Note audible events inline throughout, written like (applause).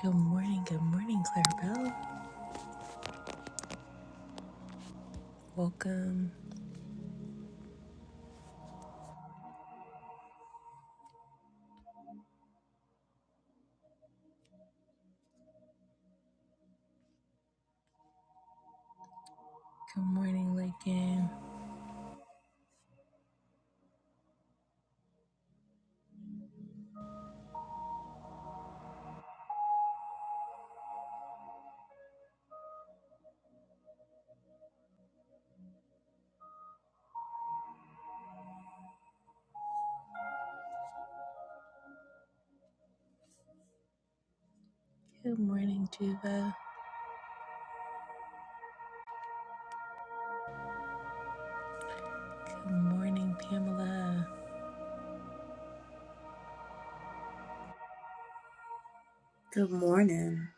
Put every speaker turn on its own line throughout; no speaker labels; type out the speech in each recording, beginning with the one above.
Good morning, good morning, Clarabelle. Welcome. Good morning, Lincoln. Good morning, Juva. Good morning, Pamela.
Good morning.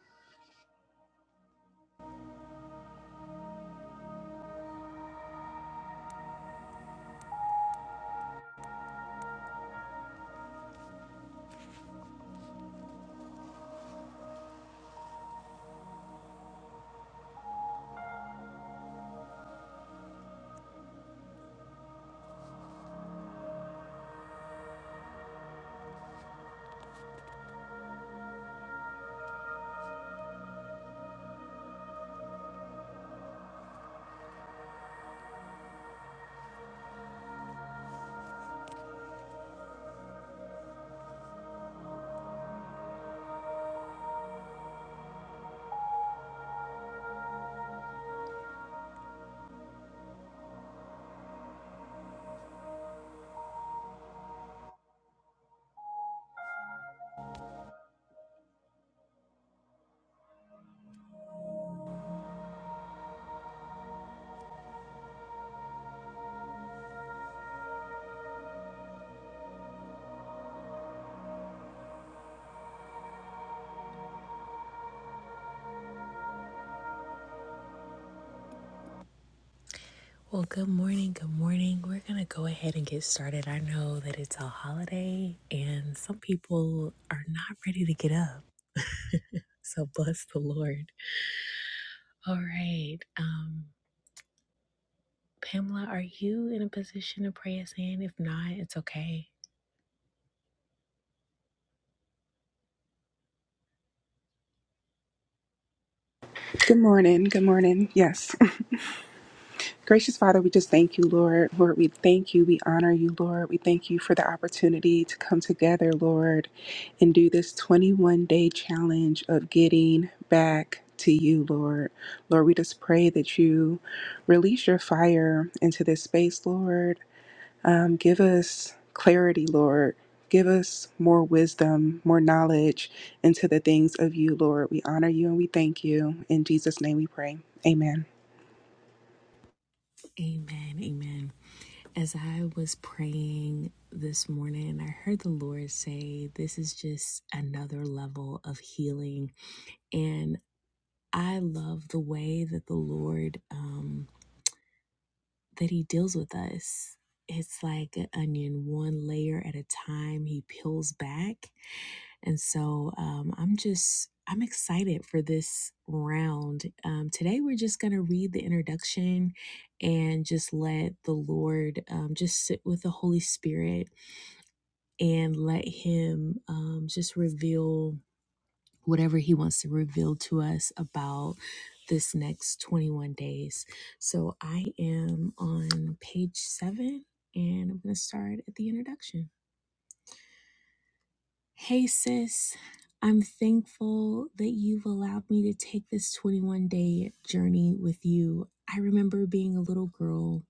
Well, good morning, good morning. We're going to go ahead and get started. I know that it's a holiday and some people are not ready to get up. (laughs) so bless the Lord. All right. Um, Pamela, are you in a position to pray us in? If not, it's okay.
Good morning. Good morning. Yes. (laughs) Gracious Father, we just thank you, Lord. Lord, we thank you. We honor you, Lord. We thank you for the opportunity to come together, Lord, and do this 21 day challenge of getting back to you, Lord. Lord, we just pray that you release your fire into this space, Lord. Um, give us clarity, Lord. Give us more wisdom, more knowledge into the things of you, Lord. We honor you and we thank you. In Jesus' name we pray. Amen.
Amen. Amen. As I was praying this morning, I heard the Lord say, This is just another level of healing. And I love the way that the Lord, um, that he deals with us. It's like an onion, one layer at a time. He peels back. And so um, I'm just, I'm excited for this round. Um, today, we're just going to read the introduction and just let the Lord um, just sit with the Holy Spirit and let Him um, just reveal whatever he wants to reveal to us about this next 21 days. So I am on page seven and I'm going to start at the introduction. Hey, sis, I'm thankful that you've allowed me to take this 21 day journey with you. I remember being a little girl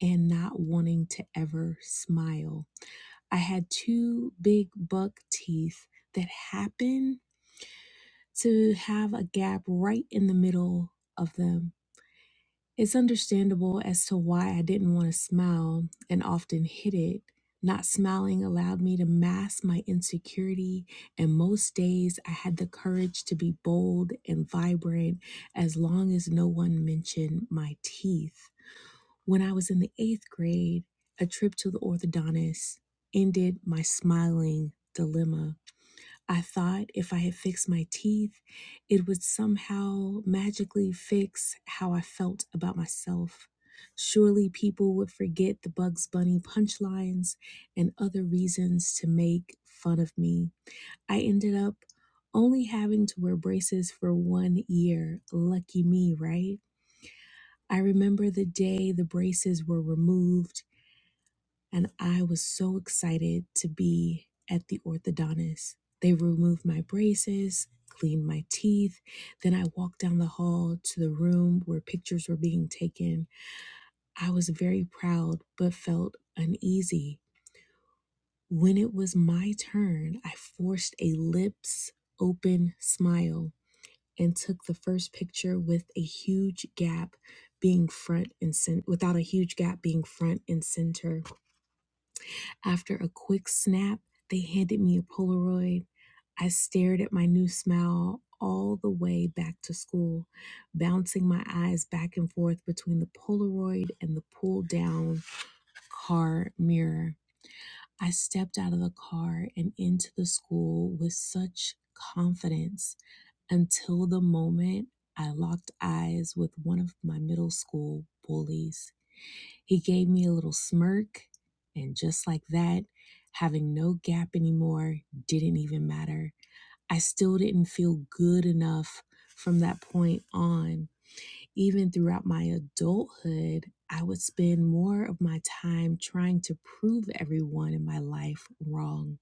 and not wanting to ever smile. I had two big buck teeth that happened to have a gap right in the middle of them. It's understandable as to why I didn't want to smile and often hid it. Not smiling allowed me to mask my insecurity, and most days I had the courage to be bold and vibrant as long as no one mentioned my teeth. When I was in the eighth grade, a trip to the orthodontist ended my smiling dilemma. I thought if I had fixed my teeth, it would somehow magically fix how I felt about myself. Surely people would forget the Bugs Bunny punchlines and other reasons to make fun of me. I ended up only having to wear braces for one year. Lucky me, right? I remember the day the braces were removed and I was so excited to be at the orthodontist. They removed my braces, cleaned my teeth. Then I walked down the hall to the room where pictures were being taken. I was very proud, but felt uneasy. When it was my turn, I forced a lips open smile and took the first picture with a huge gap being front and center without a huge gap being front and center After a quick snap, they handed me a Polaroid. I stared at my new smile all the way back to school, bouncing my eyes back and forth between the Polaroid and the pull down car mirror. I stepped out of the car and into the school with such confidence until the moment I locked eyes with one of my middle school bullies. He gave me a little smirk, and just like that, having no gap anymore didn't even matter. I still didn't feel good enough from that point on. Even throughout my adulthood, I would spend more of my time trying to prove everyone in my life wrong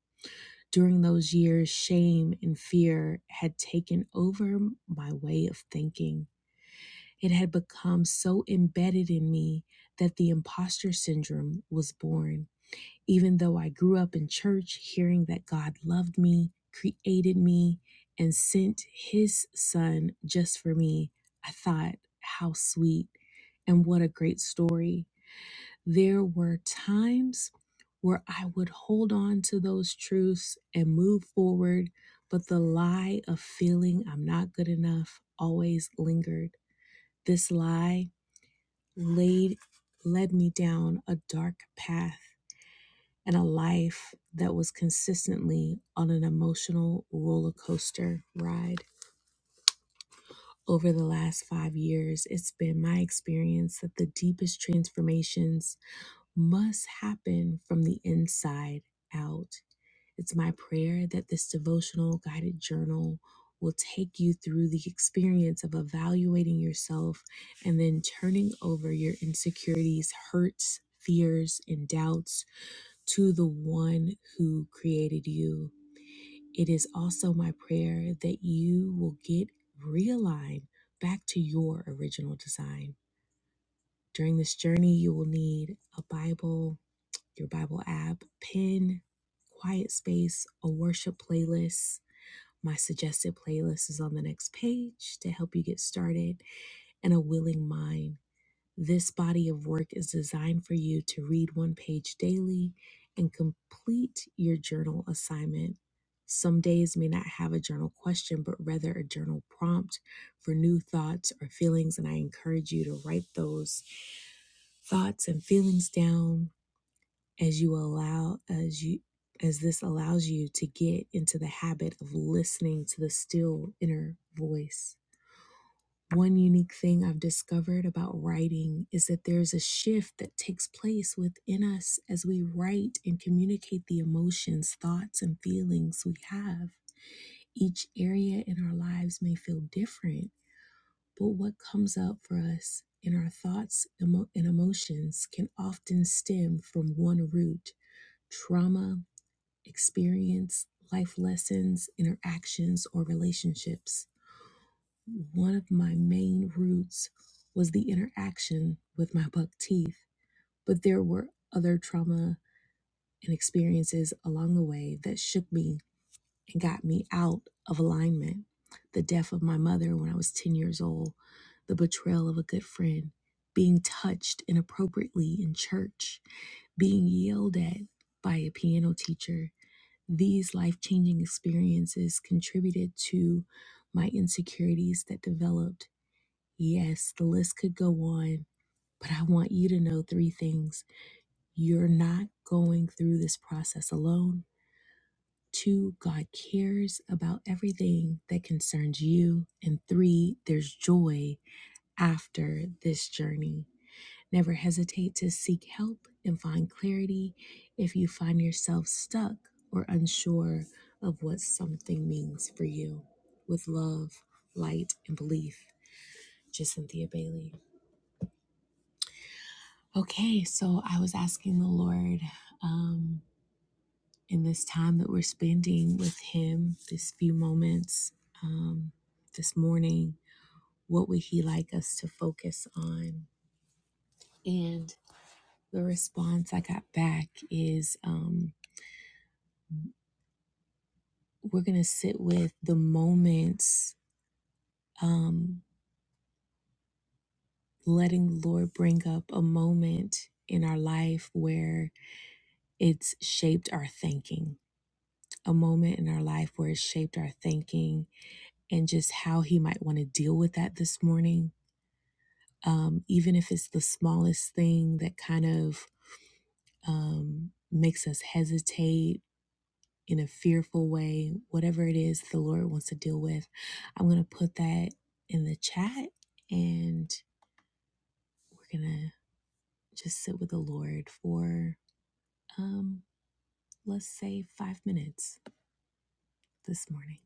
during those years, shame and fear had taken over my way of thinking. It had become so embedded in me that the imposter syndrome was born. Even though I grew up in church hearing that God loved me, created me, and sent his son just for me, I thought, how sweet and what a great story. There were times where I would hold on to those truths and move forward, but the lie of feeling I'm not good enough always lingered. This lie laid led me down a dark path and a life that was consistently on an emotional roller coaster ride. Over the last five years, it's been my experience that the deepest transformations must happen from the inside out. It's my prayer that this devotional guided journal will take you through the experience of evaluating yourself and then turning over your insecurities, hurts, fears, and doubts to the one who created you. It is also my prayer that you will get realigned back to your original design. During this journey, you will need a Bible, your Bible app, pin, quiet space, a worship playlist. My suggested playlist is on the next page to help you get started, and a willing mind. This body of work is designed for you to read one page daily and complete your journal assignment. Some days may not have a journal question, but rather a journal prompt for new thoughts or feelings. And I encourage you to write those thoughts and feelings down as you allow as you as this allows you to get into the habit of listening to the still inner voice one unique thing i've discovered about writing is that there's a shift that takes place within us as we write and communicate the emotions thoughts and feelings we have each area in our lives may feel different but what comes up for us in our thoughts emo- and emotions can often stem from one root trauma experience, life lessons, interactions, or relationships. One of my main roots was the interaction with my buck teeth, but there were other trauma and experiences along the way that shook me and got me out of alignment. The death of my mother when I was 10 years old, the betrayal of a good friend, being touched inappropriately in church, being yelled at by a piano teacher, these life changing experiences contributed to my insecurities that developed. Yes, the list could go on, but I want you to know three things. You're not going through this process alone. Two, God cares about everything that concerns you. And three, there's joy after this journey. Never hesitate to seek help and find clarity if you find yourself stuck or unsure of what something means for you. With love, light, and belief, Jacynthia Bailey. Okay, so I was asking the Lord um, in this time that we're spending with Him, this few moments um, this morning, what would He like us to focus on? And the response I got back is. Um, we're going to sit with the moments, um, letting the Lord bring up a moment in our life where it's shaped our thinking, a moment in our life where it's shaped our thinking, and just how He might want to deal with that this morning. Um, even if it's the smallest thing that kind of um, makes us hesitate in a fearful way, whatever it is the Lord wants to deal with, I'm going to put that in the chat. And gonna just sit with the Lord for um let's say five minutes this morning.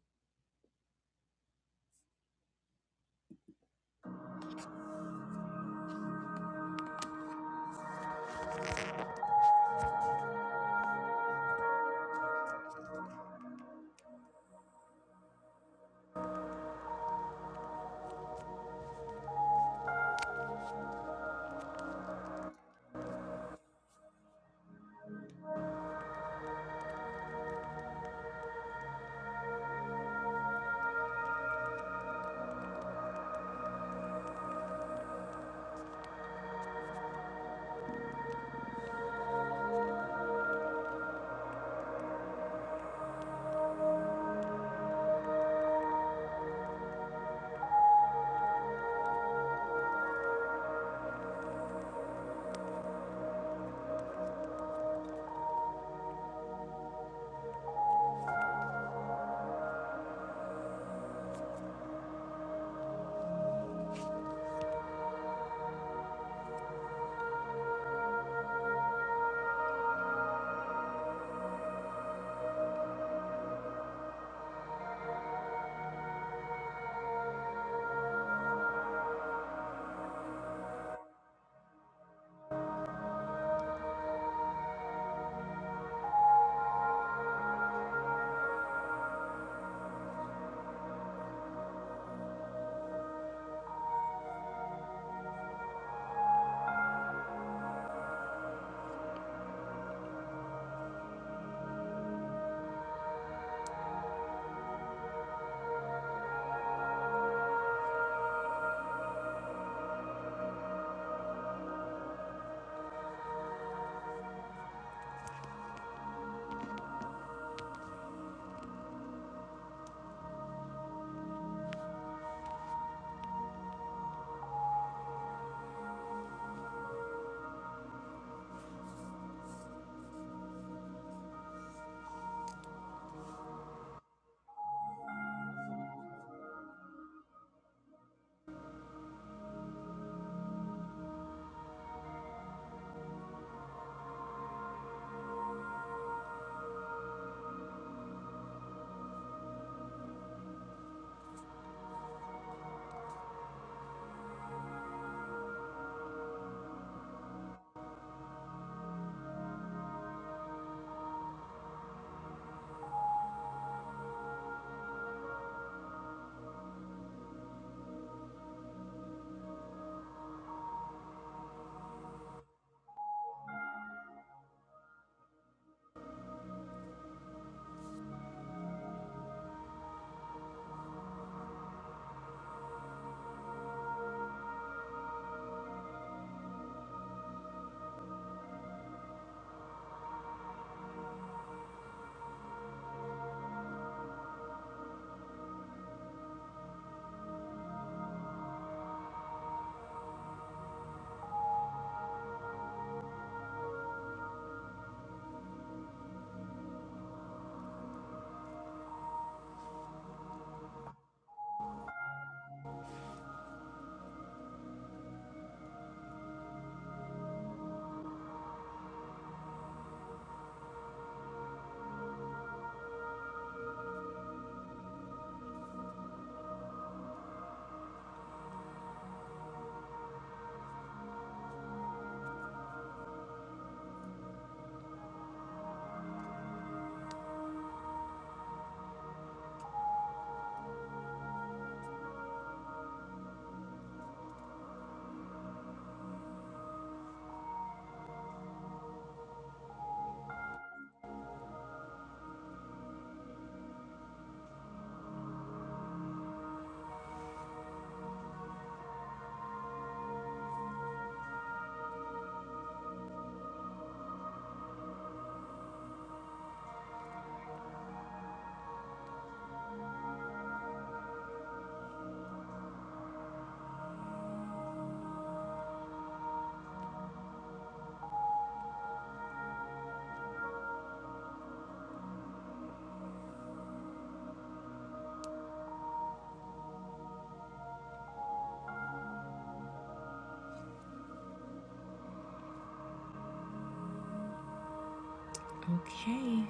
Okay,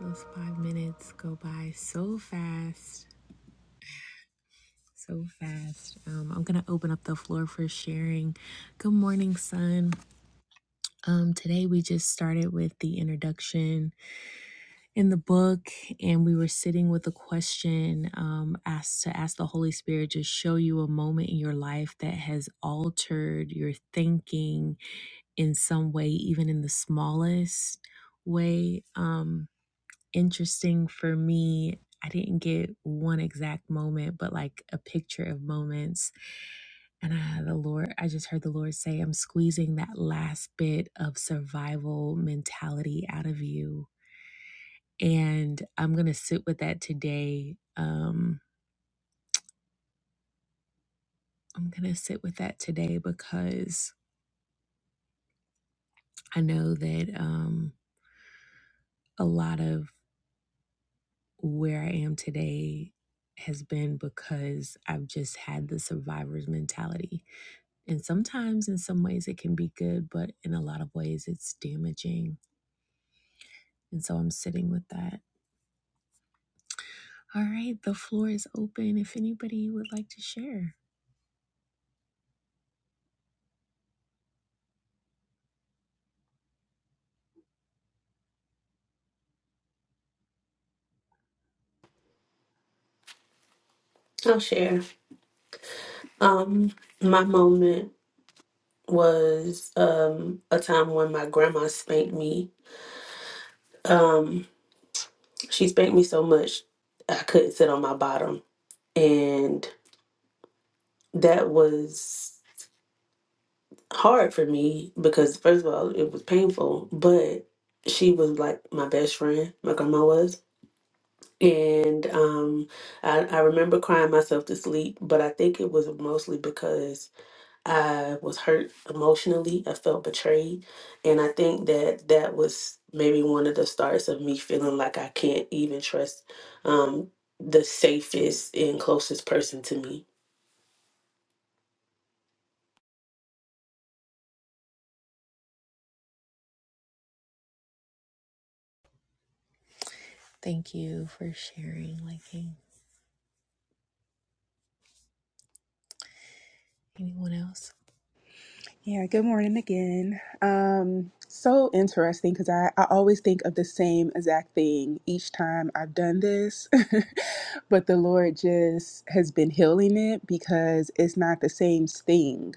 those five minutes go by so fast. So fast. Um, I'm gonna open up the floor for sharing. Good morning, son. Um, today we just started with the introduction in the book, and we were sitting with a question um, asked to ask the Holy Spirit to show you a moment in your life that has altered your thinking in some way, even in the smallest way. Um, interesting for me, I didn't get one exact moment, but like a picture of moments. And I, the Lord, I just heard the Lord say, I'm squeezing that last bit of survival mentality out of you. And I'm going to sit with that today. Um, I'm going to sit with that today because I know that um, a lot of where I am today has been because I've just had the survivor's mentality. And sometimes, in some ways, it can be good, but in a lot of ways, it's damaging. And so I'm sitting with that. All right, the floor is open if anybody would like to share.
I'll share. Um, my moment was um a time when my grandma spanked me. Um, she spanked me so much I couldn't sit on my bottom, and that was hard for me because first of all it was painful, but she was like my best friend. My grandma was. And um, I, I remember crying myself to sleep, but I think it was mostly because I was hurt emotionally. I felt betrayed. And I think that that was maybe one of the starts of me feeling like I can't even trust um, the safest and closest person to me.
Thank you for sharing, liking. Anyone else?
Yeah, good morning again. Um, so interesting because I, I always think of the same exact thing each time I've done this, (laughs) but the Lord just has been healing it because it's not the same thing.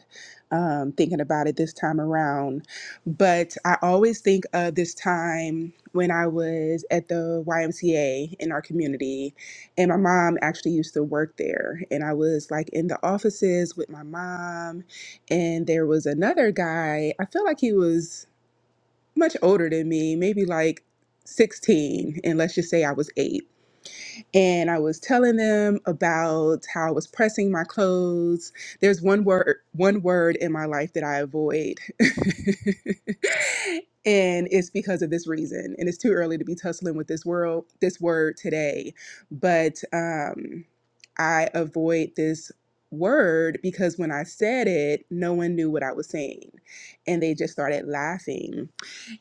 Um, thinking about it this time around, but I always think of this time when I was at the YMCA in our community, and my mom actually used to work there, and I was like in the offices with my mom and there was another guy, I feel like he was much older than me, maybe like 16, and let's just say I was eight and I was telling them about how I was pressing my clothes. There's one word one word in my life that I avoid. (laughs) and it's because of this reason. And it's too early to be tussling with this world this word today. But um I avoid this word because when I said it, no one knew what I was saying. And they just started laughing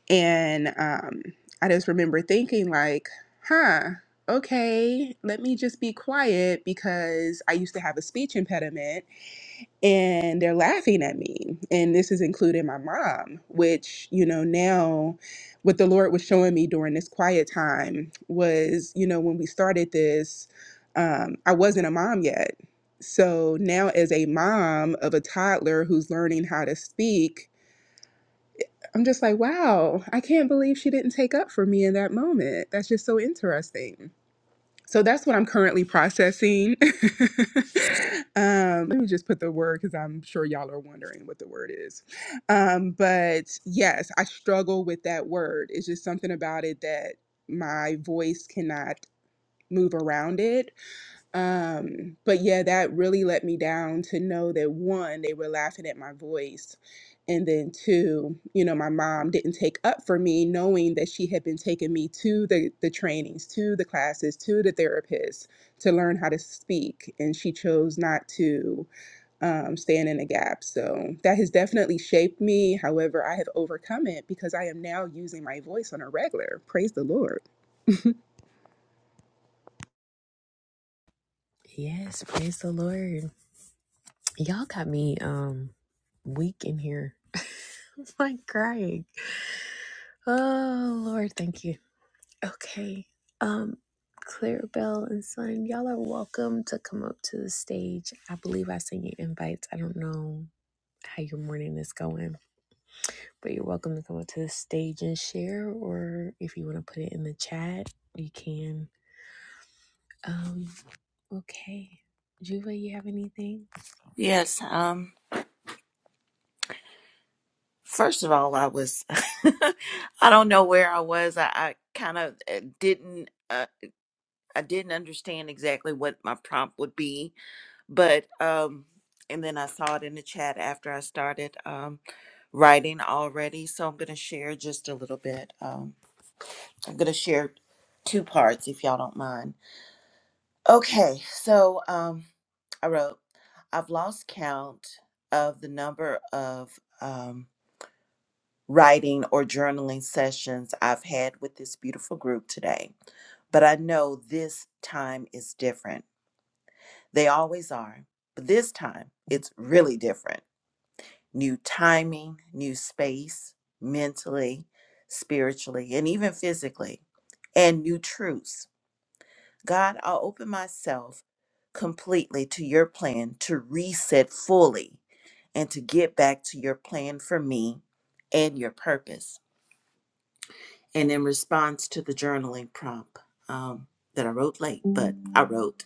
and um, I just remember thinking, like, huh, okay, let me just be quiet because I used to have a speech impediment and they're laughing at me. And this is including my mom, which, you know, now what the Lord was showing me during this quiet time was, you know, when we started this, um, I wasn't a mom yet. So now, as a mom of a toddler who's learning how to speak, I'm just like, wow, I can't believe she didn't take up for me in that moment. That's just so interesting. So that's what I'm currently processing. (laughs) um, let me just put the word because I'm sure y'all are wondering what the word is. Um, but yes, I struggle with that word. It's just something about it that my voice cannot move around it um, but yeah, that really let me down to know that one, they were laughing at my voice. And then two, you know, my mom didn't take up for me knowing that she had been taking me to the, the trainings, to the classes, to the therapist to learn how to speak. And she chose not to um, stand in a gap. So that has definitely shaped me. However, I have overcome it because I am now using my voice on a regular. Praise the Lord.
Yes, praise the Lord. Y'all got me um weak in here. (laughs) I'm like crying. Oh Lord, thank you. Okay. Um, Clarabelle and Son, y'all are welcome to come up to the stage. I believe I sent you invites. I don't know how your morning is going, but you're welcome to come up to the stage and share, or if you want to put it in the chat, you can. Um, okay. Juva, you have anything?
Yes. Um. First of all, I was. (laughs) I don't know where I was. I, I kind of uh, didn't. Uh, I didn't understand exactly what my prompt would be, but um. And then I saw it in the chat after I started um, writing already. So I'm going to share just a little bit. Um, I'm going to share two parts if y'all don't mind. Okay. So um, I wrote. I've lost count of the number of um, writing or journaling sessions I've had with this beautiful group today, but I know this time is different. They always are, but this time it's really different. New timing, new space, mentally, spiritually, and even physically, and new truths. God, I'll open myself completely to your plan to reset fully and to get back to your plan for me and your purpose. and in response to the journaling prompt um, that I wrote late, but I wrote,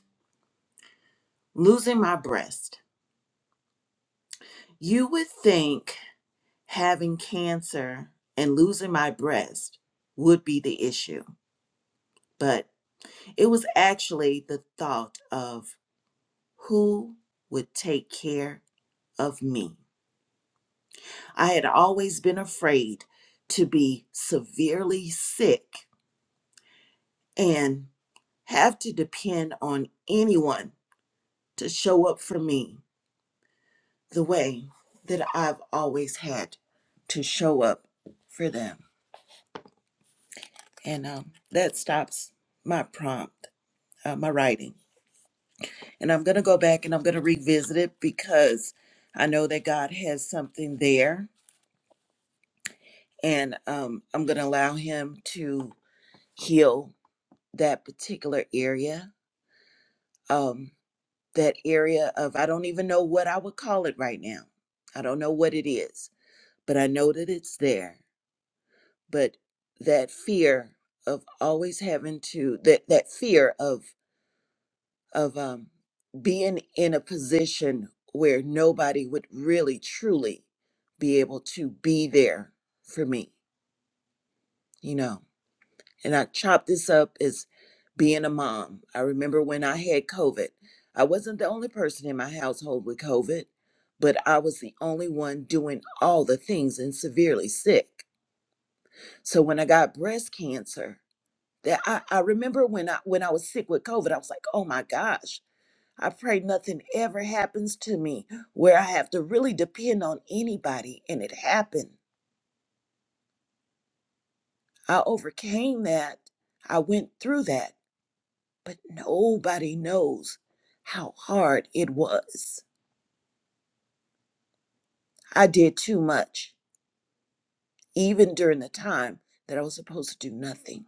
Losing my breast. You would think having cancer and losing my breast would be the issue, but it was actually the thought of who would take care of me. I had always been afraid to be severely sick and have to depend on anyone to show up for me the way that I've always had to show up for them. And um, that stops my prompt, uh, my writing. And I'm going to go back and I'm going to revisit it because I know that God has something there. And um, I'm going to allow Him to heal that particular area, um, that area of, I don't even know what I would call it right now. I don't know what it is, but I know that it's there but that fear of always having to that that fear of of um being in a position where nobody would really truly be able to be there for me you know and i chop this up as being a mom i remember when i had covid i wasn't the only person in my household with covid but i was the only one doing all the things and severely sick so when i got breast cancer that I, I remember when I when I was sick with COVID, I was like, oh my gosh, I pray nothing ever happens to me where I have to really depend on anybody. And it happened. I overcame that. I went through that, but nobody knows how hard it was. I did too much, even during the time that I was supposed to do nothing.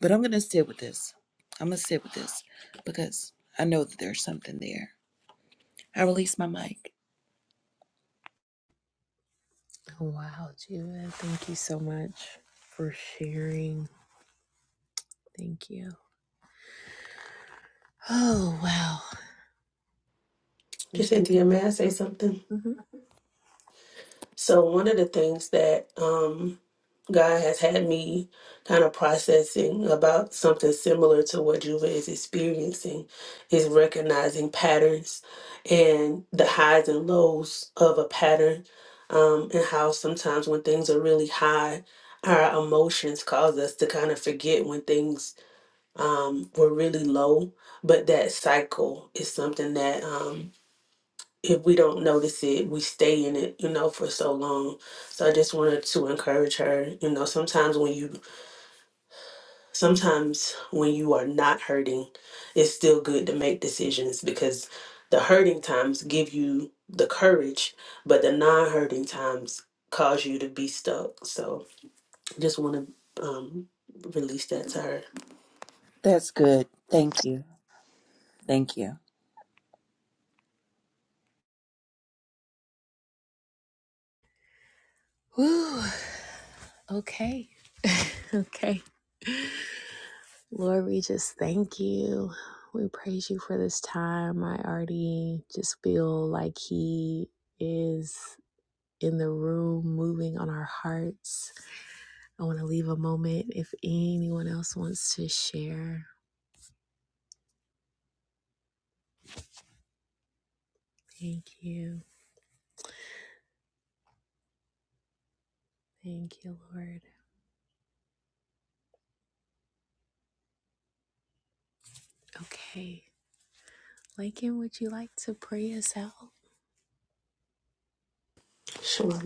But I'm gonna sit with this. I'm gonna sit with this because I know that there's something there. I release my mic.
Oh, Wow, Juva, thank you so much for sharing. Thank you. Oh, wow. Okay.
Cynthia, may I say something?
hmm
So, one of the things that um, God has had me kind of processing about something similar to what Juva is experiencing is recognizing patterns and the highs and lows of a pattern, um, and how sometimes when things are really high, our emotions cause us to kind of forget when things um, were really low. But that cycle is something that. Um, if we don't notice it, we stay in it, you know, for so long. So I just wanted to encourage her, you know, sometimes when you sometimes when you are not hurting, it's still good to make decisions because the hurting times give you the courage, but the non-hurting times cause you to be stuck. So just want to um release that to her.
That's good. Thank you. Thank you.
Whew. Okay. (laughs) okay. Lord, we just thank you. We praise you for this time. I already just feel like He is in the room moving on our hearts. I want to leave a moment if anyone else wants to share. Thank you. Thank you, Lord. Okay. Lakin, would you like to pray us out?
Sure.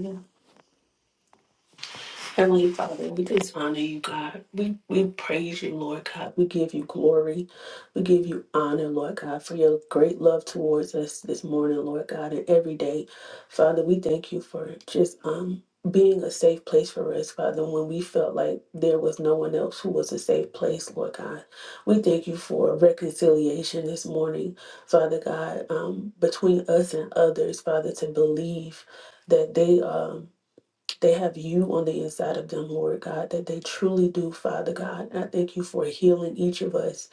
Heavenly Father, we just honor you, God. We we praise you, Lord God. We give you glory. We give you honor, Lord God, for your great love towards us this morning, Lord God, and every day. Father, we thank you for just um being a safe place for us, Father, when we felt like there was no one else who was a safe place, Lord God. We thank you for reconciliation this morning, Father God, um, between us and others, Father, to believe that they um they have you on the inside of them, Lord God, that they truly do, Father God. I thank you for healing each of us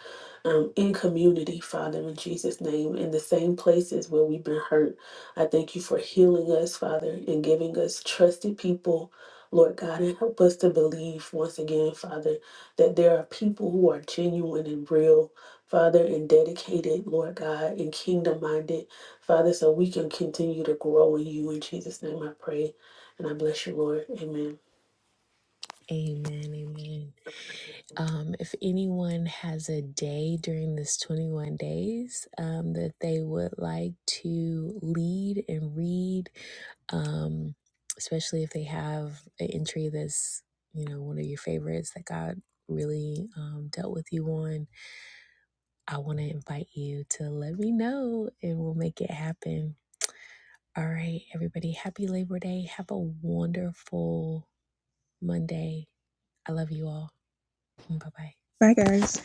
um, in community, Father, in Jesus' name, in the same places where we've been hurt. I thank you for healing us, Father, and giving us trusted people. Lord God, and help us to believe once again, Father, that there are people who are genuine and real, Father, and dedicated, Lord God, and kingdom minded, Father, so we can continue to grow in you. In Jesus' name I pray. And I bless you, Lord. Amen.
Amen. Amen. Um, if anyone has a day during this 21 days um, that they would like to lead and read, um, especially if they have an entry that's you know one of your favorites that God really um, dealt with you on, I want to invite you to let me know and we'll make it happen. All right, everybody, happy Labor Day. Have a wonderful Monday. I love you all. Bye bye.
Bye, guys.